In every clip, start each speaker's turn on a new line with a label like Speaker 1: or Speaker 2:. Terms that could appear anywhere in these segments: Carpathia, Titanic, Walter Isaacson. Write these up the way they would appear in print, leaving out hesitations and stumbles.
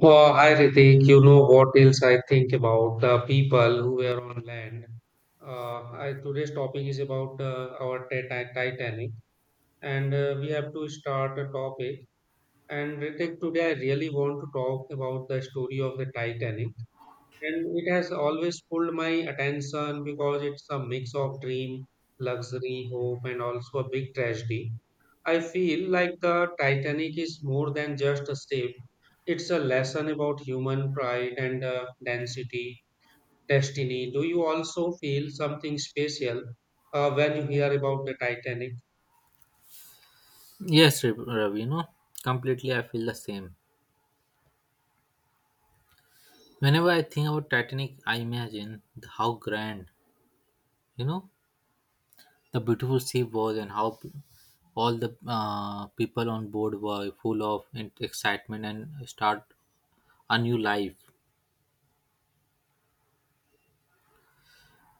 Speaker 1: Oh, hi Ritik, you know what else I think about the people who were on land. Today's topic is about our Titanic, and we have to start a topic. And Ritik, today I really want to talk about the story of the Titanic, and it has always pulled my attention because it's a mix of dream, luxury, hope, and also a big tragedy. I feel like the Titanic is more than just a ship. It's a lesson about human pride and destiny. Do you also feel something special when you hear about the Titanic?
Speaker 2: Yes, you know, completely I feel the same. Whenever I think about Titanic, I imagine how grand, you know, the beautiful sea was and all the people on board were full of excitement and start a new life.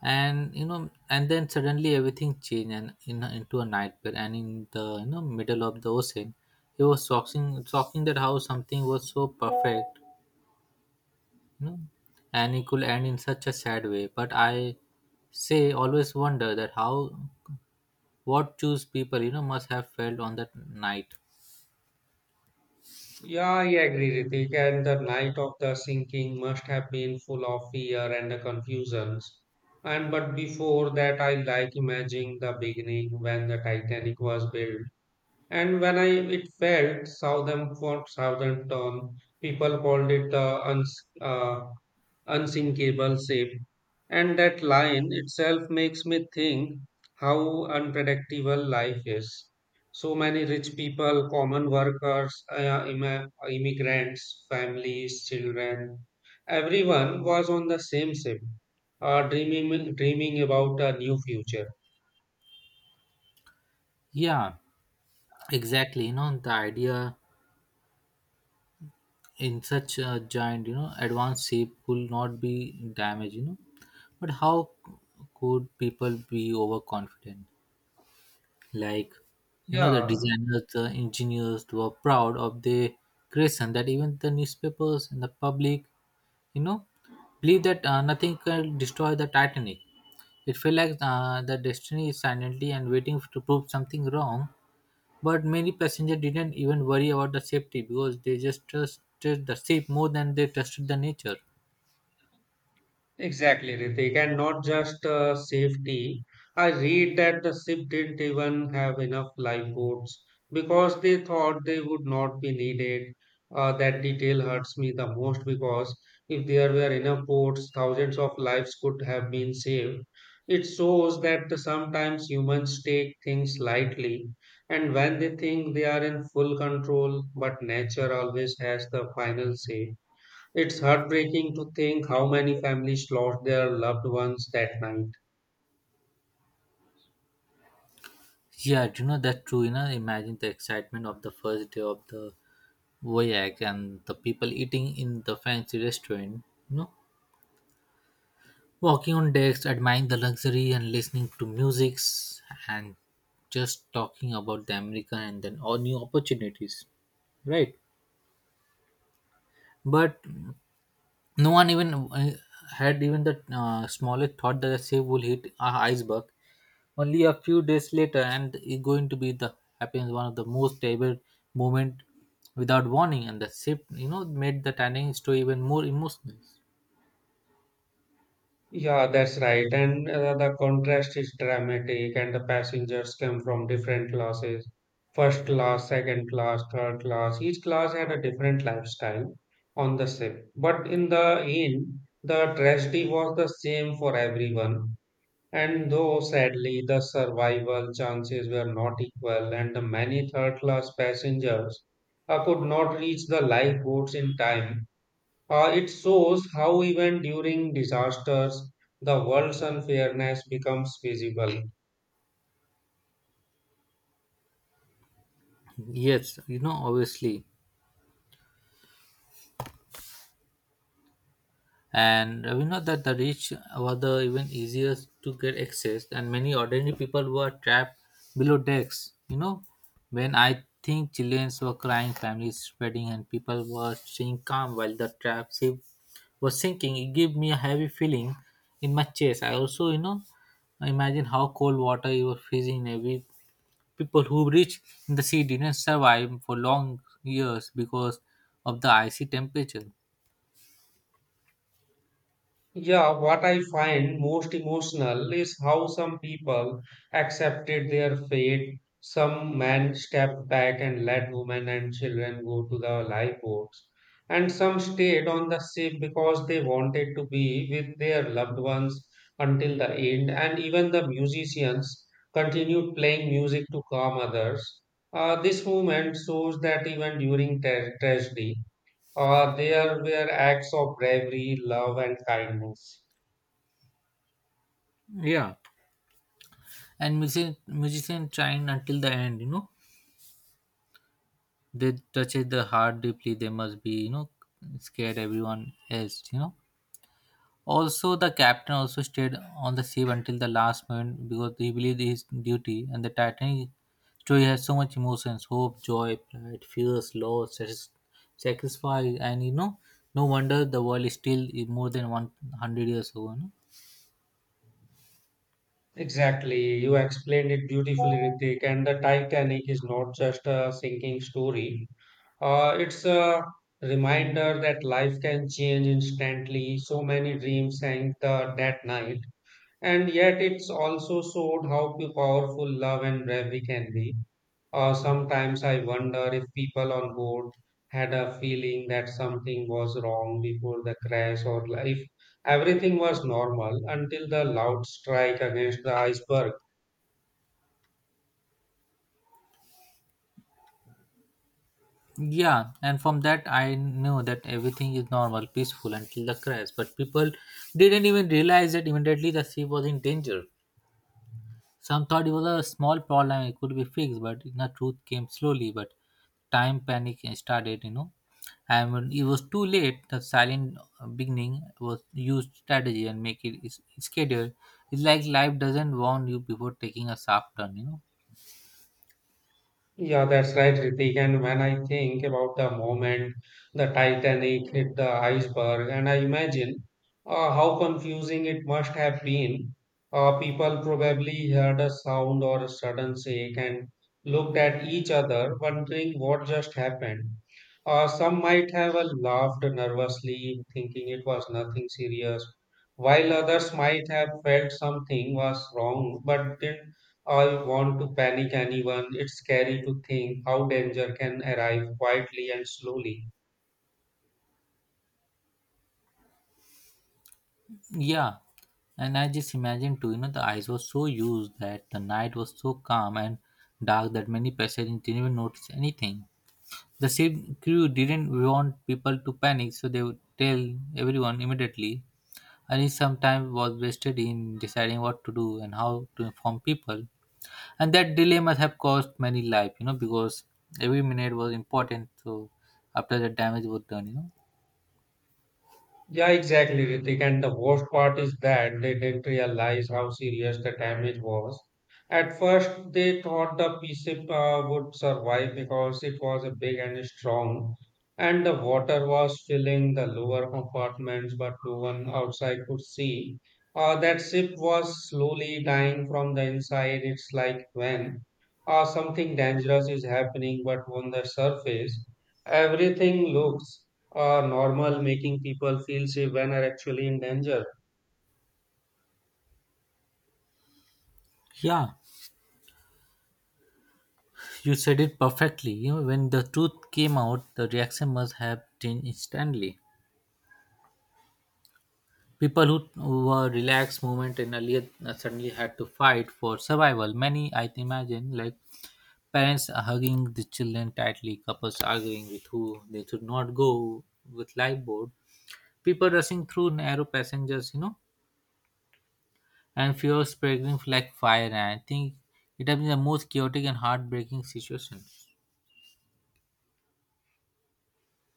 Speaker 2: And then suddenly everything changed and into a nightmare. And in the you know middle of the ocean, it was shocking that how something was so perfect. No, and it could end in such a sad way. But I say always wonder that how what choose people you know must have felt on that night.
Speaker 1: Yeah, I agree, Ritik. And the night of the sinking must have been full of fear and confusions. And but before that, I like imagining the beginning when the Titanic was built. And when I it failed, Southern for Southern Tom, people called it the uh, unsinkable ship. And that line itself makes me think how unpredictable life is. So many rich people, common workers, immigrants, families, children, everyone was on the same ship, dreaming about a new future.
Speaker 2: Yeah, exactly. You know the idea in such a giant you know advanced ship could not be damaged. You know, but how could people be overconfident? Like you know the
Speaker 1: Yeah,
Speaker 2: designers, the engineers were proud of their creation. That even the newspapers and the public you know believe that nothing can destroy the titanic. It felt like the destiny is silently and waiting to prove something wrong. But many passengers didn't even worry about the safety because they just trusted the ship more than they trusted the nature.
Speaker 1: exactly, Ritik, and not just safety. I read that the ship didn't even have enough lifeboats because they thought they would not be needed. That detail hurts me the most because if there were enough boats, thousands of lives could have been saved. It shows that sometimes humans take things lightly, and when they think they are in full control, but nature always has the final say. It's heartbreaking to think how many families lost their loved ones that night.
Speaker 2: Yeah, you know, that's true. You know, imagine the excitement of the first day of the voyage and the people eating in the fancy restaurant, you know, walking on decks, admiring the luxury and listening to musics and just talking about the America and then all new opportunities. Right. But no one even had even the smallest thought that the ship will hit a iceberg. Only a few days later, and it's going to be the happens one of the most terrible moment without warning, and the ship, you know, made the tanning story even more emotional.
Speaker 1: Yeah, that's right. And the contrast is dramatic, and the passengers come from different classes: first class, second class, third class. Each class had a different lifestyle on the ship. But in the end, the tragedy was the same for everyone. And though sadly the survival chances were not equal, and the many third class passengers could not reach the lifeboats in time, it shows how even during disasters the world's unfairness becomes visible.
Speaker 2: Yes, you know, obviously, and we know that the rich were the even easier to get access and many ordinary people were trapped below decks, you know. When I think chileans were crying, families spreading and people were staying calm while the trap ship was sinking, it gave me a heavy feeling in my chest. I also you know imagine how cold water you were freezing in. Every people who reached in the sea didn't survive for long years because of the icy temperature.
Speaker 1: Yeah, what I find most emotional is how some people accepted their fate. Some men stepped back and let women and children go to the lifeboats, and some stayed on the ship because they wanted to be with their loved ones until the end. And even the musicians continued playing music to calm others. This movement shows that even during tragedy, there were acts of bravery, love, and kindness.
Speaker 2: And musician trying until the end, you know, they touch it the heart deeply. They must be you know scared everyone else, you know. Also the captain also stayed on the ship until the last moment because he believed his duty. And the titanic story has so much emotions: hope, joy, pride, fears, loss, sacrifice. And you know, no wonder the world is still more than 100 years ago you.
Speaker 1: Exactly. You explained it beautifully, Ritik. And the Titanic is not just a sinking story, it's a reminder that life can change instantly. So many dreams sank the, that night. And yet, it's also showed how powerful love and bravery can be. Sometimes I wonder if people on board had a feeling that something was wrong before the crash or if everything was normal until the loud strike against the iceberg.
Speaker 2: Yeah, and from that I knew that everything is normal, peaceful until the crash. But people didn't even realize that immediately the ship was in danger. Some thought it was a small problem, it could be fixed, but the truth came slowly. But time panic started, you know, and when it was too late, the silent beginning was used strategy and make it is scheduled. It's like life doesn't warn you before taking a sharp turn, you know.
Speaker 1: Yeah, that's right, Ritik. And when I think about the moment the Titanic hit the iceberg, and I imagine how confusing it must have been. People probably heard a sound or a sudden shake and looked at each other, wondering what just happened. Some might have laughed nervously, thinking it was nothing serious, while others might have felt something was wrong but didn't I want to panic anyone. It's scary to think how danger can arrive quietly and slowly.
Speaker 2: Yeah, and I just imagined too, you know, the eyes were so used that the night was so calm and dark that many passengers didn't even notice anything. The ship crew didn't want people to panic, so they would tell everyone immediately. And some time was wasted in deciding what to do and how to inform people. And that delay must have cost many lives, you know, because every minute was important. So after the damage was done, you know.
Speaker 1: Yeah, exactly, Ritik. And the worst part is that they didn't realize how serious the damage was. At first, they thought the P-ship would survive because it was a big and strong, and the water was filling the lower compartments, but no one outside could see. That ship was slowly dying from the inside. It's like when something dangerous is happening, but on the surface, everything looks or normal, making people feel safe when are actually in danger.
Speaker 2: Yeah, you said it perfectly. You know, when the truth came out, the reaction must have changed instantly. People who were relaxed movement and earlier suddenly had to fight for survival. Many, I imagine, like parents hugging the children tightly, couples arguing with who they should not go with lifeboat, people rushing through narrow passengers, you know, and fear spreading like fire. And I think it has been the most chaotic and heartbreaking situation.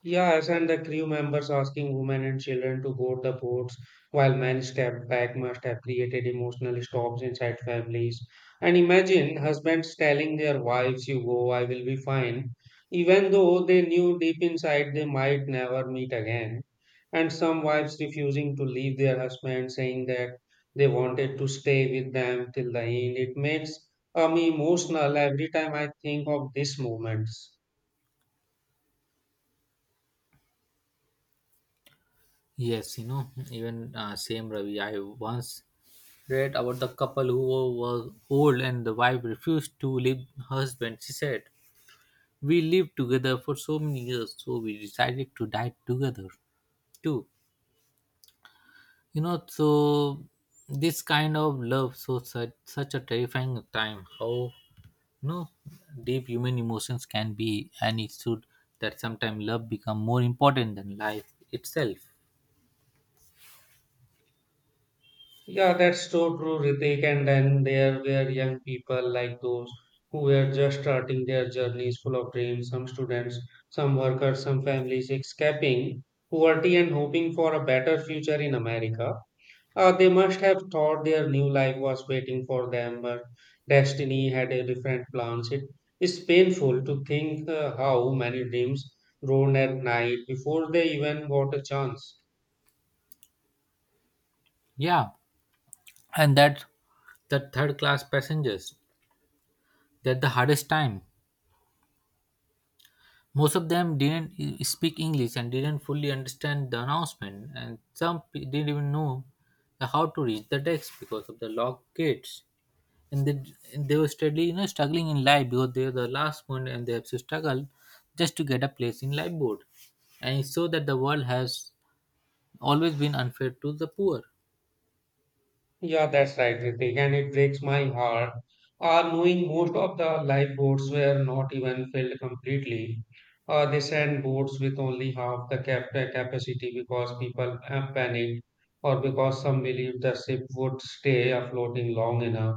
Speaker 1: Yes, and the crew members asking women and children to board the boats while men step back must have created emotional stops inside families. And imagine husbands telling their wives, "You go, I will be fine," even though they knew deep inside they might never meet again. And some wives refusing to leave their husbands, saying that they wanted to stay with them till the end. It makes me emotional every time I think of these moments.
Speaker 2: Yes, you know, even same Ravi. I once read about the couple who was old and the wife refused to leave her husband. She said, "We lived together for so many years, so we decided to die together too." You know, so this kind of love, so such a terrifying time. How you know deep human emotions can be, and it should that sometimes love become more important than life itself.
Speaker 1: Yeah, that's so true, Ritik. And then there were young people like those who were just starting their journeys full of dreams, some students, some workers, some families escaping poverty and hoping for a better future in America. They must have thought their new life was waiting for them, but destiny had a different plans. It is painful to think how many dreams grown at night before they even got a chance.
Speaker 2: Yeah, and that the third class passengers. That the hardest time, most of them didn't speak english and didn't fully understand the announcement. And some didn't even know the how to reach the decks because of the locked gates. And they, and they were steadily you know struggling in life because they were the last one and they have to struggle just to get a place in life board. And it so that the world has always been unfair to the poor.
Speaker 1: Yeah, that's right, Ritik, and it breaks my heart. Knowing most of the lifeboats were not even filled completely. They sent boats with only half the capacity because people panicked or because some believed the ship would stay afloat long enough.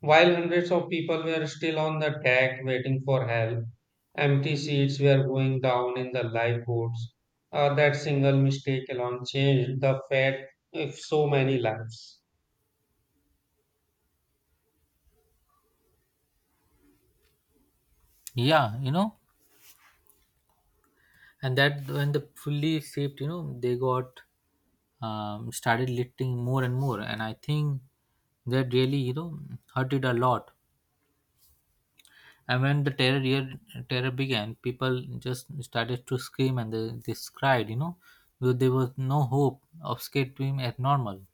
Speaker 1: While hundreds of people were still on the deck waiting for help, empty seats were going down in the lifeboats. That single mistake alone changed the fate of so many lives.
Speaker 2: Yeah, you know, and that when the fully shaped you know they got started lifting more and more. And I think that really you know hurt it a lot. And when the terror began, people just started to scream and they cried, you know, because there was no hope of skating as normal.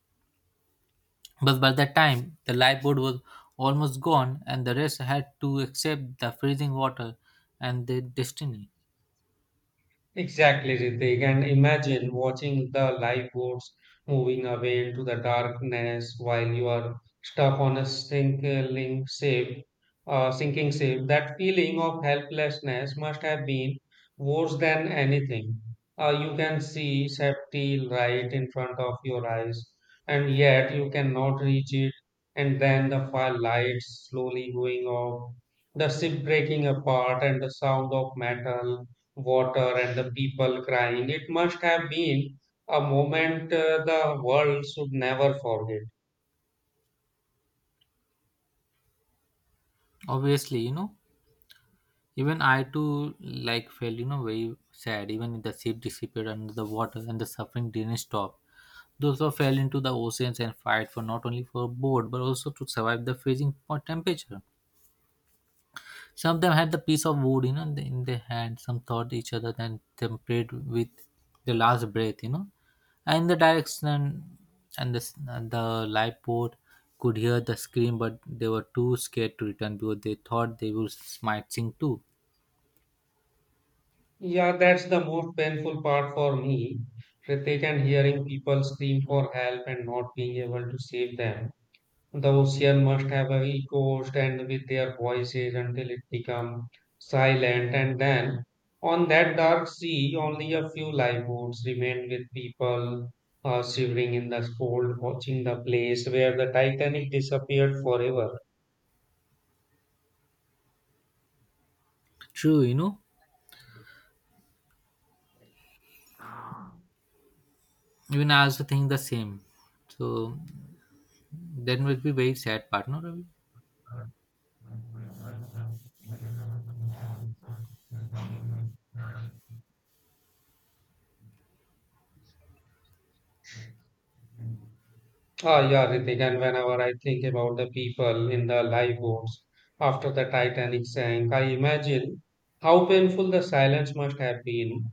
Speaker 2: But by that time the lifeboat was almost gone and the rest had to accept the freezing water and their destiny.
Speaker 1: Exactly, Ritik. And imagine watching the lifeboats moving away into the darkness while you are stuck on a sinking ship, That feeling of helplessness must have been worse than anything. You can see safety right in front of your eyes, and yet you cannot reach it. And then the fire lights slowly going off, the ship breaking apart, and the sound of metal water and the people crying. It must have been a moment the world should never forget.
Speaker 2: Obviously, you know, even I too like felt you know very sad. Even if the ship disappeared under the water and the suffering didn't stop. Those who fell into the oceans and fight for not only for board but also to survive the freezing hot temperature. Some of them had the piece of wood you know in in their hand. Some thought each other and then prayed with their last breath, you know. And the direction and the lifeboat could hear the scream, but they were too scared to return because they thought they might sink too.
Speaker 1: Yeah, that's the most painful part for me, Ritik, and hearing people scream for help and not being able to save them. The ocean must have a he coast and with their voices until it become silent and then on that dark sea only a few lifeboats remained with people shivering in the cold watching the place where the Titanic disappeared forever.
Speaker 2: True, you know, even I also think the same. So that must be very sad part, no? Ravi?
Speaker 1: Ah yeah Ritik and whenever I think about the people in the lifeboats after the Titanic sank I imagine how painful the silence must have been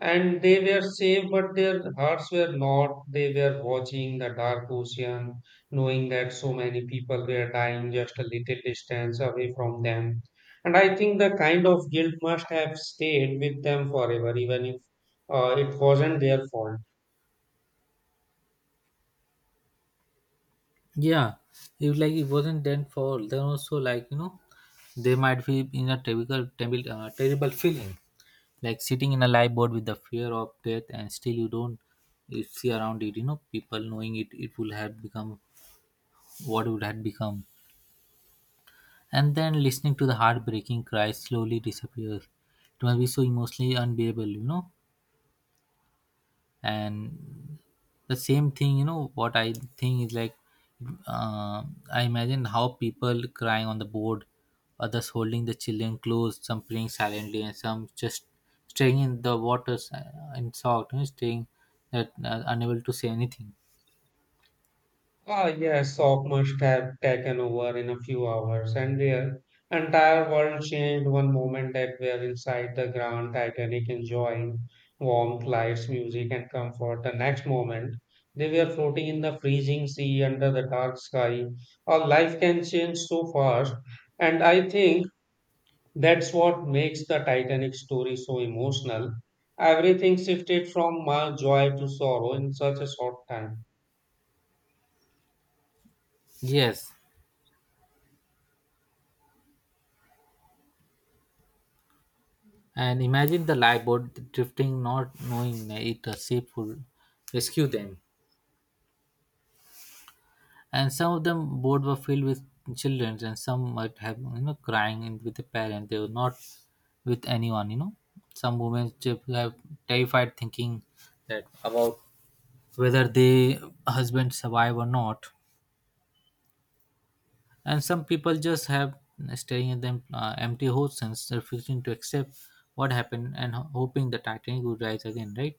Speaker 1: and they were safe, but their hearts were not. They were watching the dark ocean, knowing that so many people were dying just a little distance away from them. And I think the kind of guilt must have stayed with them forever, even if it wasn't their fault.
Speaker 2: Yeah, if like it wasn't done for, then also like you know, they might be in a terrible feeling, like sitting in a live board with the fear of death, and still you don't you see around it. You know, people knowing it will have become what it would have become, and then listening to the heartbreaking cry slowly disappears. It must be so emotionally unbearable, you know. And the same thing you know what I think is like, uh, I imagine how people crying on the board, others holding the children close, some praying silently and some just staying in the waters, in shock, you know, staying that unable to say anything.
Speaker 1: Ah, yes, Sok must have taken over in a few hours, and their entire world changed one moment that were inside the Grand Titanic enjoying warmth, lights, music, and comfort. The next moment, they were floating in the freezing sea under the dark sky. Our life can change so fast, and I think that's what makes the Titanic story so emotional. Everything shifted from joy to sorrow in such a short time.
Speaker 2: Yes, and imagine the lifeboat drifting, not knowing it a safe would rescue them. And some of them board were filled with children, and some might have you know crying in with the parent, they were not with anyone, you know. Some women just have terrified thinking that about whether they husband survive or not. And some people just have staring at them empty oceans, refusing to accept what happened, and hoping the titanic would rise again, right?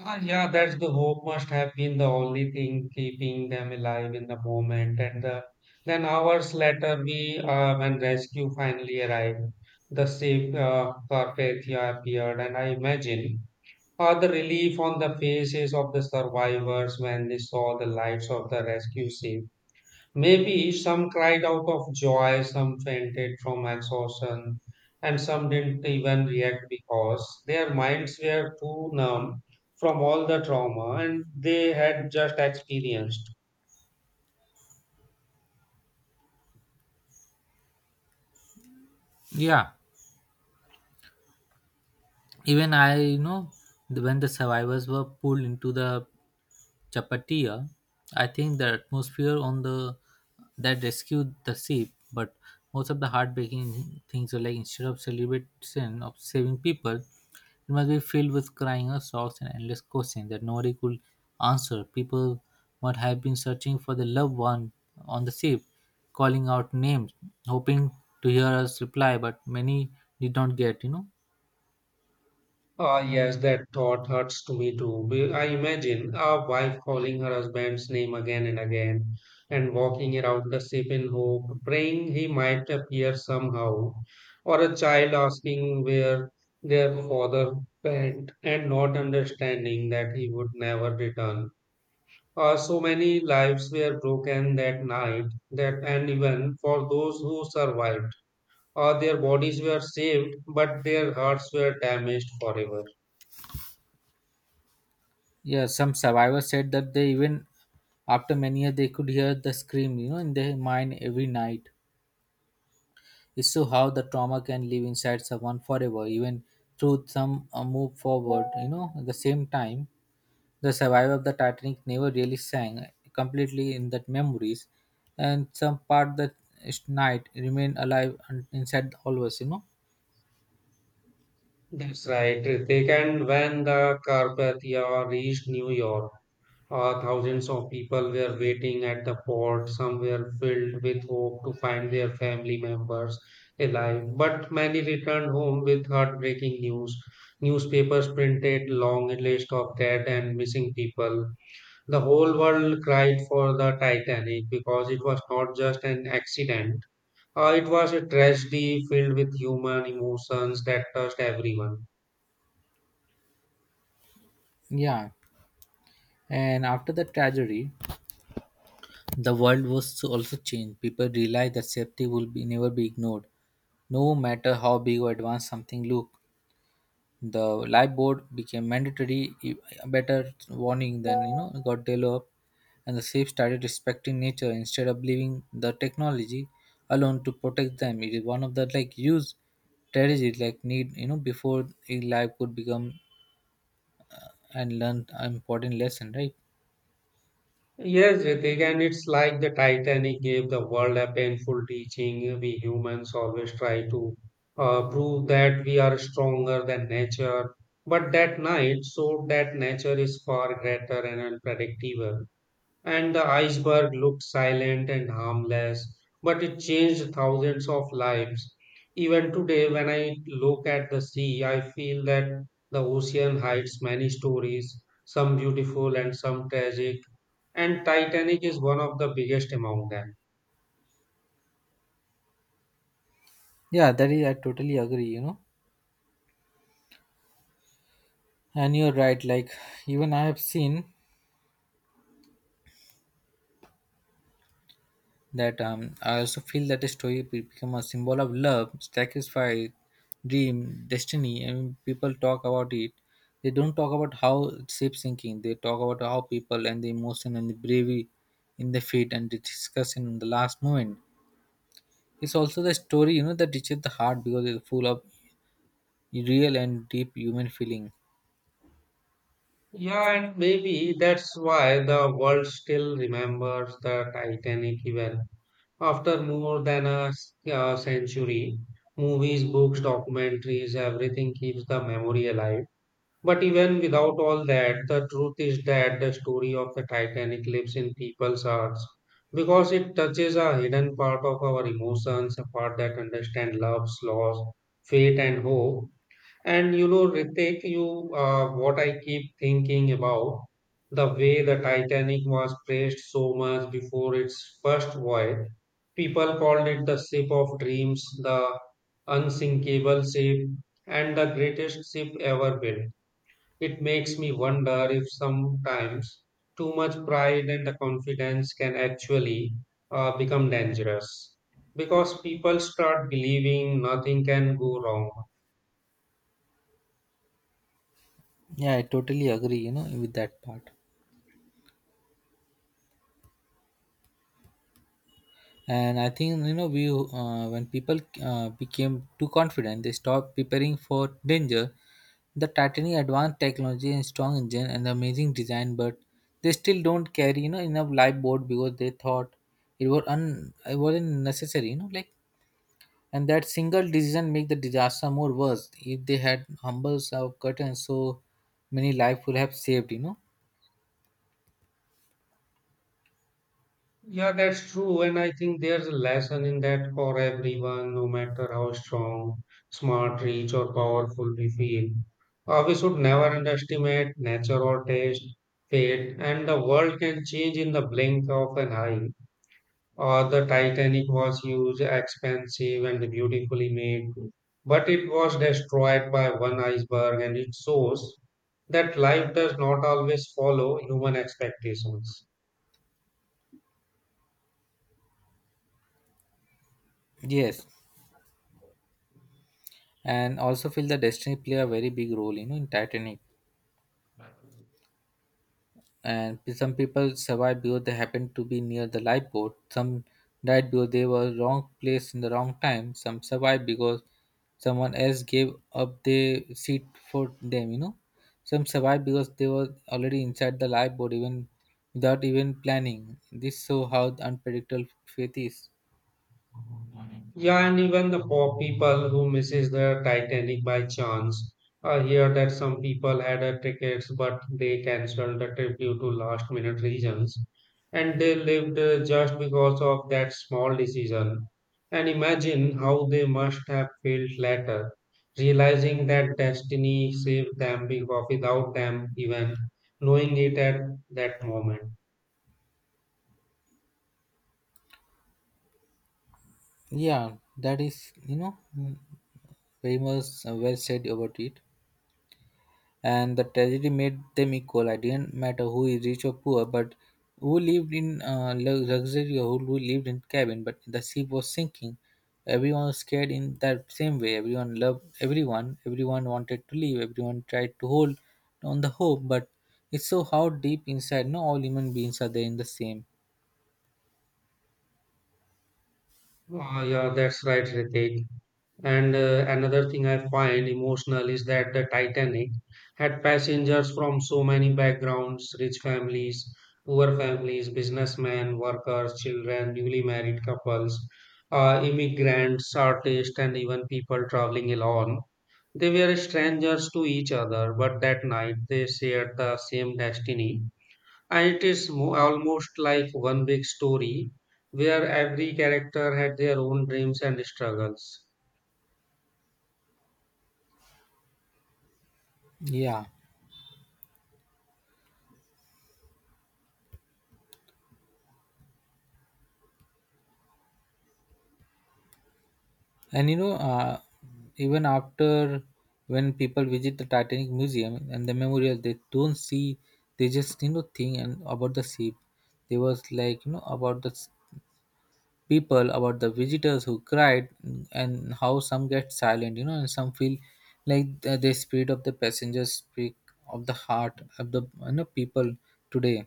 Speaker 1: Ah, yeah, that's the hope must have been the only thing keeping them alive in the moment. And then hours later, we when rescue finally arrived, the safe Carpathia appeared, and I imagine the relief on the faces of the survivors when they saw the lights of the rescue ship. Maybe some cried out of joy, some fainted from exhaustion, and some didn't even react because their minds were too numb from all the trauma and they had just experienced.
Speaker 2: Yeah, even I you know when the survivors were pulled into the chapatia, I think the atmosphere on the that rescued the ship, but most of the heartbreaking things are like instead of celebration of saving people it must be filled with crying or sorrows and endless questions that nobody could answer. People might have been searching for the loved one on the ship, calling out names, hoping to hear us reply, but many did not get, you know.
Speaker 1: Ah, yes, that thought hurts to me too. Be- I imagine a wife calling her husband's name again and again and walking around the ship in hope, praying he might appear somehow, or a child asking where their father went and not understanding that he would never return. So many lives were broken that night that and even for those who survived, their bodies were saved, but their hearts were damaged forever.
Speaker 2: Yeah, some survivors said that they even after many years they could hear the scream, you know, in their mind every night. It's so how the trauma can live inside someone forever, even through some move forward, you know. At the same time, the survivor of the Titanic never really sang completely in that memories, and some part that is night remain alive and inside always, you know.
Speaker 1: That's right, Ritik. And when the Carpathia reached New York, thousands of people were waiting at the port. Some were filled with hope to find their family members alive, but many returned home with heartbreaking news. Newspapers printed long list of dead and missing people. The whole world cried for the Titanic because it was not just an accident. It was a tragedy filled with human emotions that touched everyone.
Speaker 2: Yeah, and after the tragedy, the world was so also changed. People realized that safety will be never be ignored. No matter how big or advanced something look, the live board became mandatory. A better warning than you know got developed, and the safe started respecting nature instead of believing the technology alone to protect them. It is one of the like use strategies like need you know before a life could become and learn an important lesson, right?
Speaker 1: Yes, Ritik, and it's like the Titanic gave the world a painful teaching. We humans always try to prove that we are stronger than nature, but that night showed that nature is far greater and unpredictable. And the iceberg looked silent and harmless, but it changed thousands of lives. Even today, when I look at the sea, I feel that the ocean hides many stories, some beautiful and some tragic and Titanic is one of the biggest among them.
Speaker 2: Yeah, that is I totally agree. You know, and you're right. Like even I have seen that I also feel that the story become a symbol of love, sacrifice, dream, destiny. And when people talk about it, they don't talk about how it shapes thinking. They talk about how people and the emotion and the bravery in the feet and the discussion in the last moment. It's also the story, you know, that reaches the heart because it's full of real and deep human feeling.
Speaker 1: Yeah, and maybe that's why the world still remembers the Titanic even after more than a century. Movies, books, documentaries, everything keeps the memory alive. But even without all that, the truth is that the story of the Titanic lives in people's hearts because it touches a hidden part of our emotions, a part that understands love, loss, fate, and hope. And you know, Ritik, you what I keep thinking about the way the Titanic was praised so much before its first voyage. People called it the ship of dreams, the unsinkable ship, and the greatest ship ever built. It makes me wonder if sometimes too much pride and the confidence can actually become dangerous because people start believing nothing can go wrong.
Speaker 2: Yeah, I totally agree, you know, with that part. And I think, you know, we when people became too confident, they stopped preparing for danger. The Titanic advanced technology and strong engine and amazing design, but they still don't carry you know enough lifeboat because they thought it was un it wasn't necessary, you know, like, and that single decision make the disaster more worse. If they had humbles or curtains, so many life would have saved, you know.
Speaker 1: Yeah, that's true. And I think there's a lesson in that for everyone, no matter how strong, smart, rich, or powerful we feel. We should never underestimate nature or taste, fate, and the world can change in the blink of an eye. The Titanic was huge, expensive, and beautifully made, but it was destroyed by one iceberg, and it shows that life does not always follow human expectations.
Speaker 2: Yes, and also feel the destiny play a very big role, you know, in Titanic. And some people survived because they happened to be near the lifeboat. Some died because they were wrong place in the wrong time. Some survived because someone else gave up their seat for them. You know, some survived because they were already inside the lifeboat even without even planning. This show how unpredictable faith is.
Speaker 1: Yeah, and even the poor people who misses the Titanic by chance. I hear that some people had a tickets, but they cancelled the trip due to last minute reasons, and they lived just because of that small decision. And imagine how they must have felt later, realizing that destiny saved them because without them even knowing it at that moment.
Speaker 2: Yeah, that is you know, very much, well said about it. And the tragedy made them equal. I didn't matter who is rich or poor, but who lived in luxury or who lived in cabin. But the ship was sinking. Everyone was scared in that same way. Everyone loved everyone. Everyone wanted to leave. Everyone tried to hold on the hope, but it's so how deep inside. No, all human beings are there in the same.
Speaker 1: Ah, yeah, that's right, Ritik. And another thing I find emotional is that the Titanic had passengers from so many backgrounds rich families, poor families, businessmen, workers, children, newly married couples, immigrants, artists, and even people traveling alone. They were strangers to each other, but that night they shared the same destiny. And it is almost like one big story where every character had their own dreams and struggles.
Speaker 2: Yeah. And you know, even after when people visit the Titanic Museum and the memorial, they don't see. They just you know think and about the ship. They was like you know about the people, about the visitors who cried, and how some get silent. You know, and some feel like the spirit of the passengers speak of the heart of the you know people today.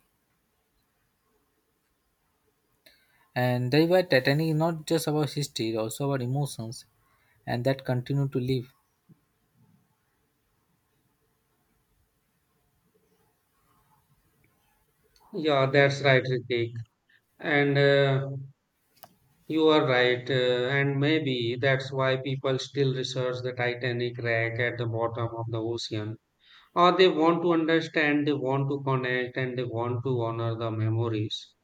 Speaker 2: And that's why Titanic is not just about history, also about emotions, and that continue to live.
Speaker 1: Yeah, that's right, Ritik. And You are right. And maybe that's why people still research the Titanic wreck at the bottom of the ocean. Or they want to understand, they want to connect, and they want to honor the memories.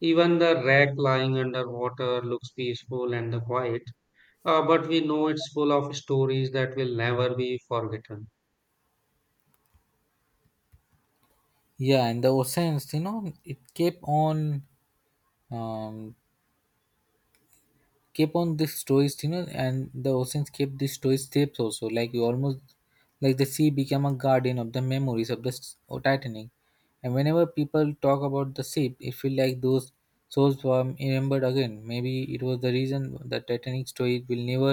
Speaker 1: Even the wreck lying underwater looks peaceful and quiet, but we know it's full of stories that will never be forgotten.
Speaker 2: Yeah, and the oceans you know it um kept on this stories, you know. And the oceans kept these stories tapes also, like you almost like the sea became a guardian of the memories of the Titanic. And whenever people talk about the ship it feel like those souls were remembered again. Maybe it was the reason the Titanic story will never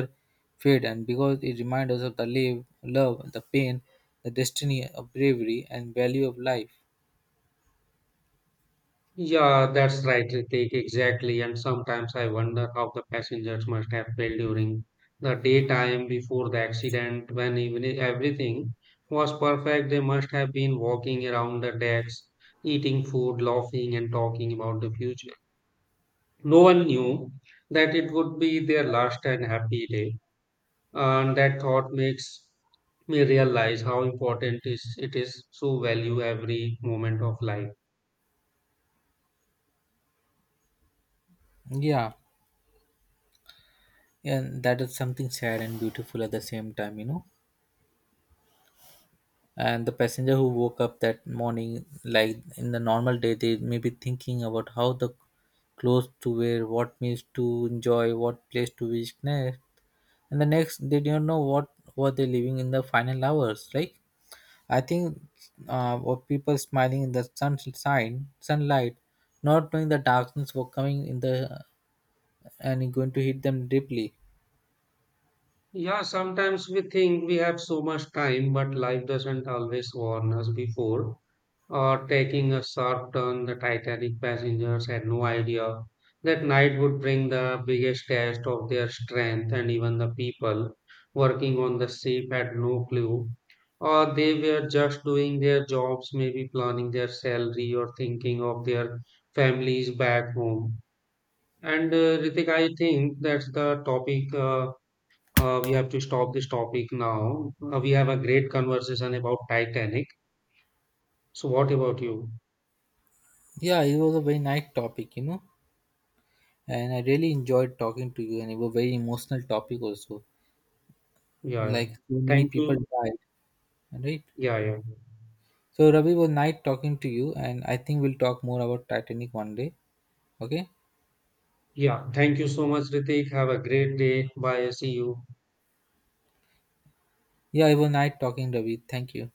Speaker 2: fade, and because it reminds us of the love, the pain, the destiny of bravery and value of life.
Speaker 1: Yeah, that's right, Ritik, exactly. And sometimes I wonder how the passengers must have felt during the daytime before the accident, when even everything was perfect. They must have been walking around the decks, eating food, laughing, and talking about the future. No one knew that it would be their last and happy day, and that thought makes me realize how important is it is to value every moment of life.
Speaker 2: Yeah, and that is something sad and beautiful at the same time, you know. And the passenger who woke up that morning, like in the normal day, they may be thinking about how the clothes to wear, what meals to enjoy, what place to visit next. And the next they don't know what were they living in the final hours. Like, I think, what people smiling in the sunshine sunlight, not knowing the darkness were coming in the and going to hit them deeply.
Speaker 1: Yeah, sometimes we think we have so much time, but life doesn't always warn us before. Or taking a sharp turn, the Titanic passengers had no idea that night would bring the biggest test of their strength, and even the people working on the ship had no clue. Or they were just doing their jobs, maybe planning their salary or thinking of their families back home. And Ritik, I think that's the topic. We have to stop this topic now. We have a great conversation about Titanic. So, what about you?
Speaker 2: Yeah, it was a very nice topic, you know. And I really enjoyed talking to you, and it was a very emotional topic also.
Speaker 1: Yeah. Yeah.
Speaker 2: Like so many
Speaker 1: Thank
Speaker 2: people
Speaker 1: you.
Speaker 2: died, right?
Speaker 1: Yeah, yeah.
Speaker 2: So Ravi, was nice talking to you, and I think we'll talk more about Titanic one day. Okay?
Speaker 1: Yeah. Thank you so much, Ritik. Have a great day. Bye. See you.
Speaker 2: Yeah, it was nice talking, Ravi. Thank you.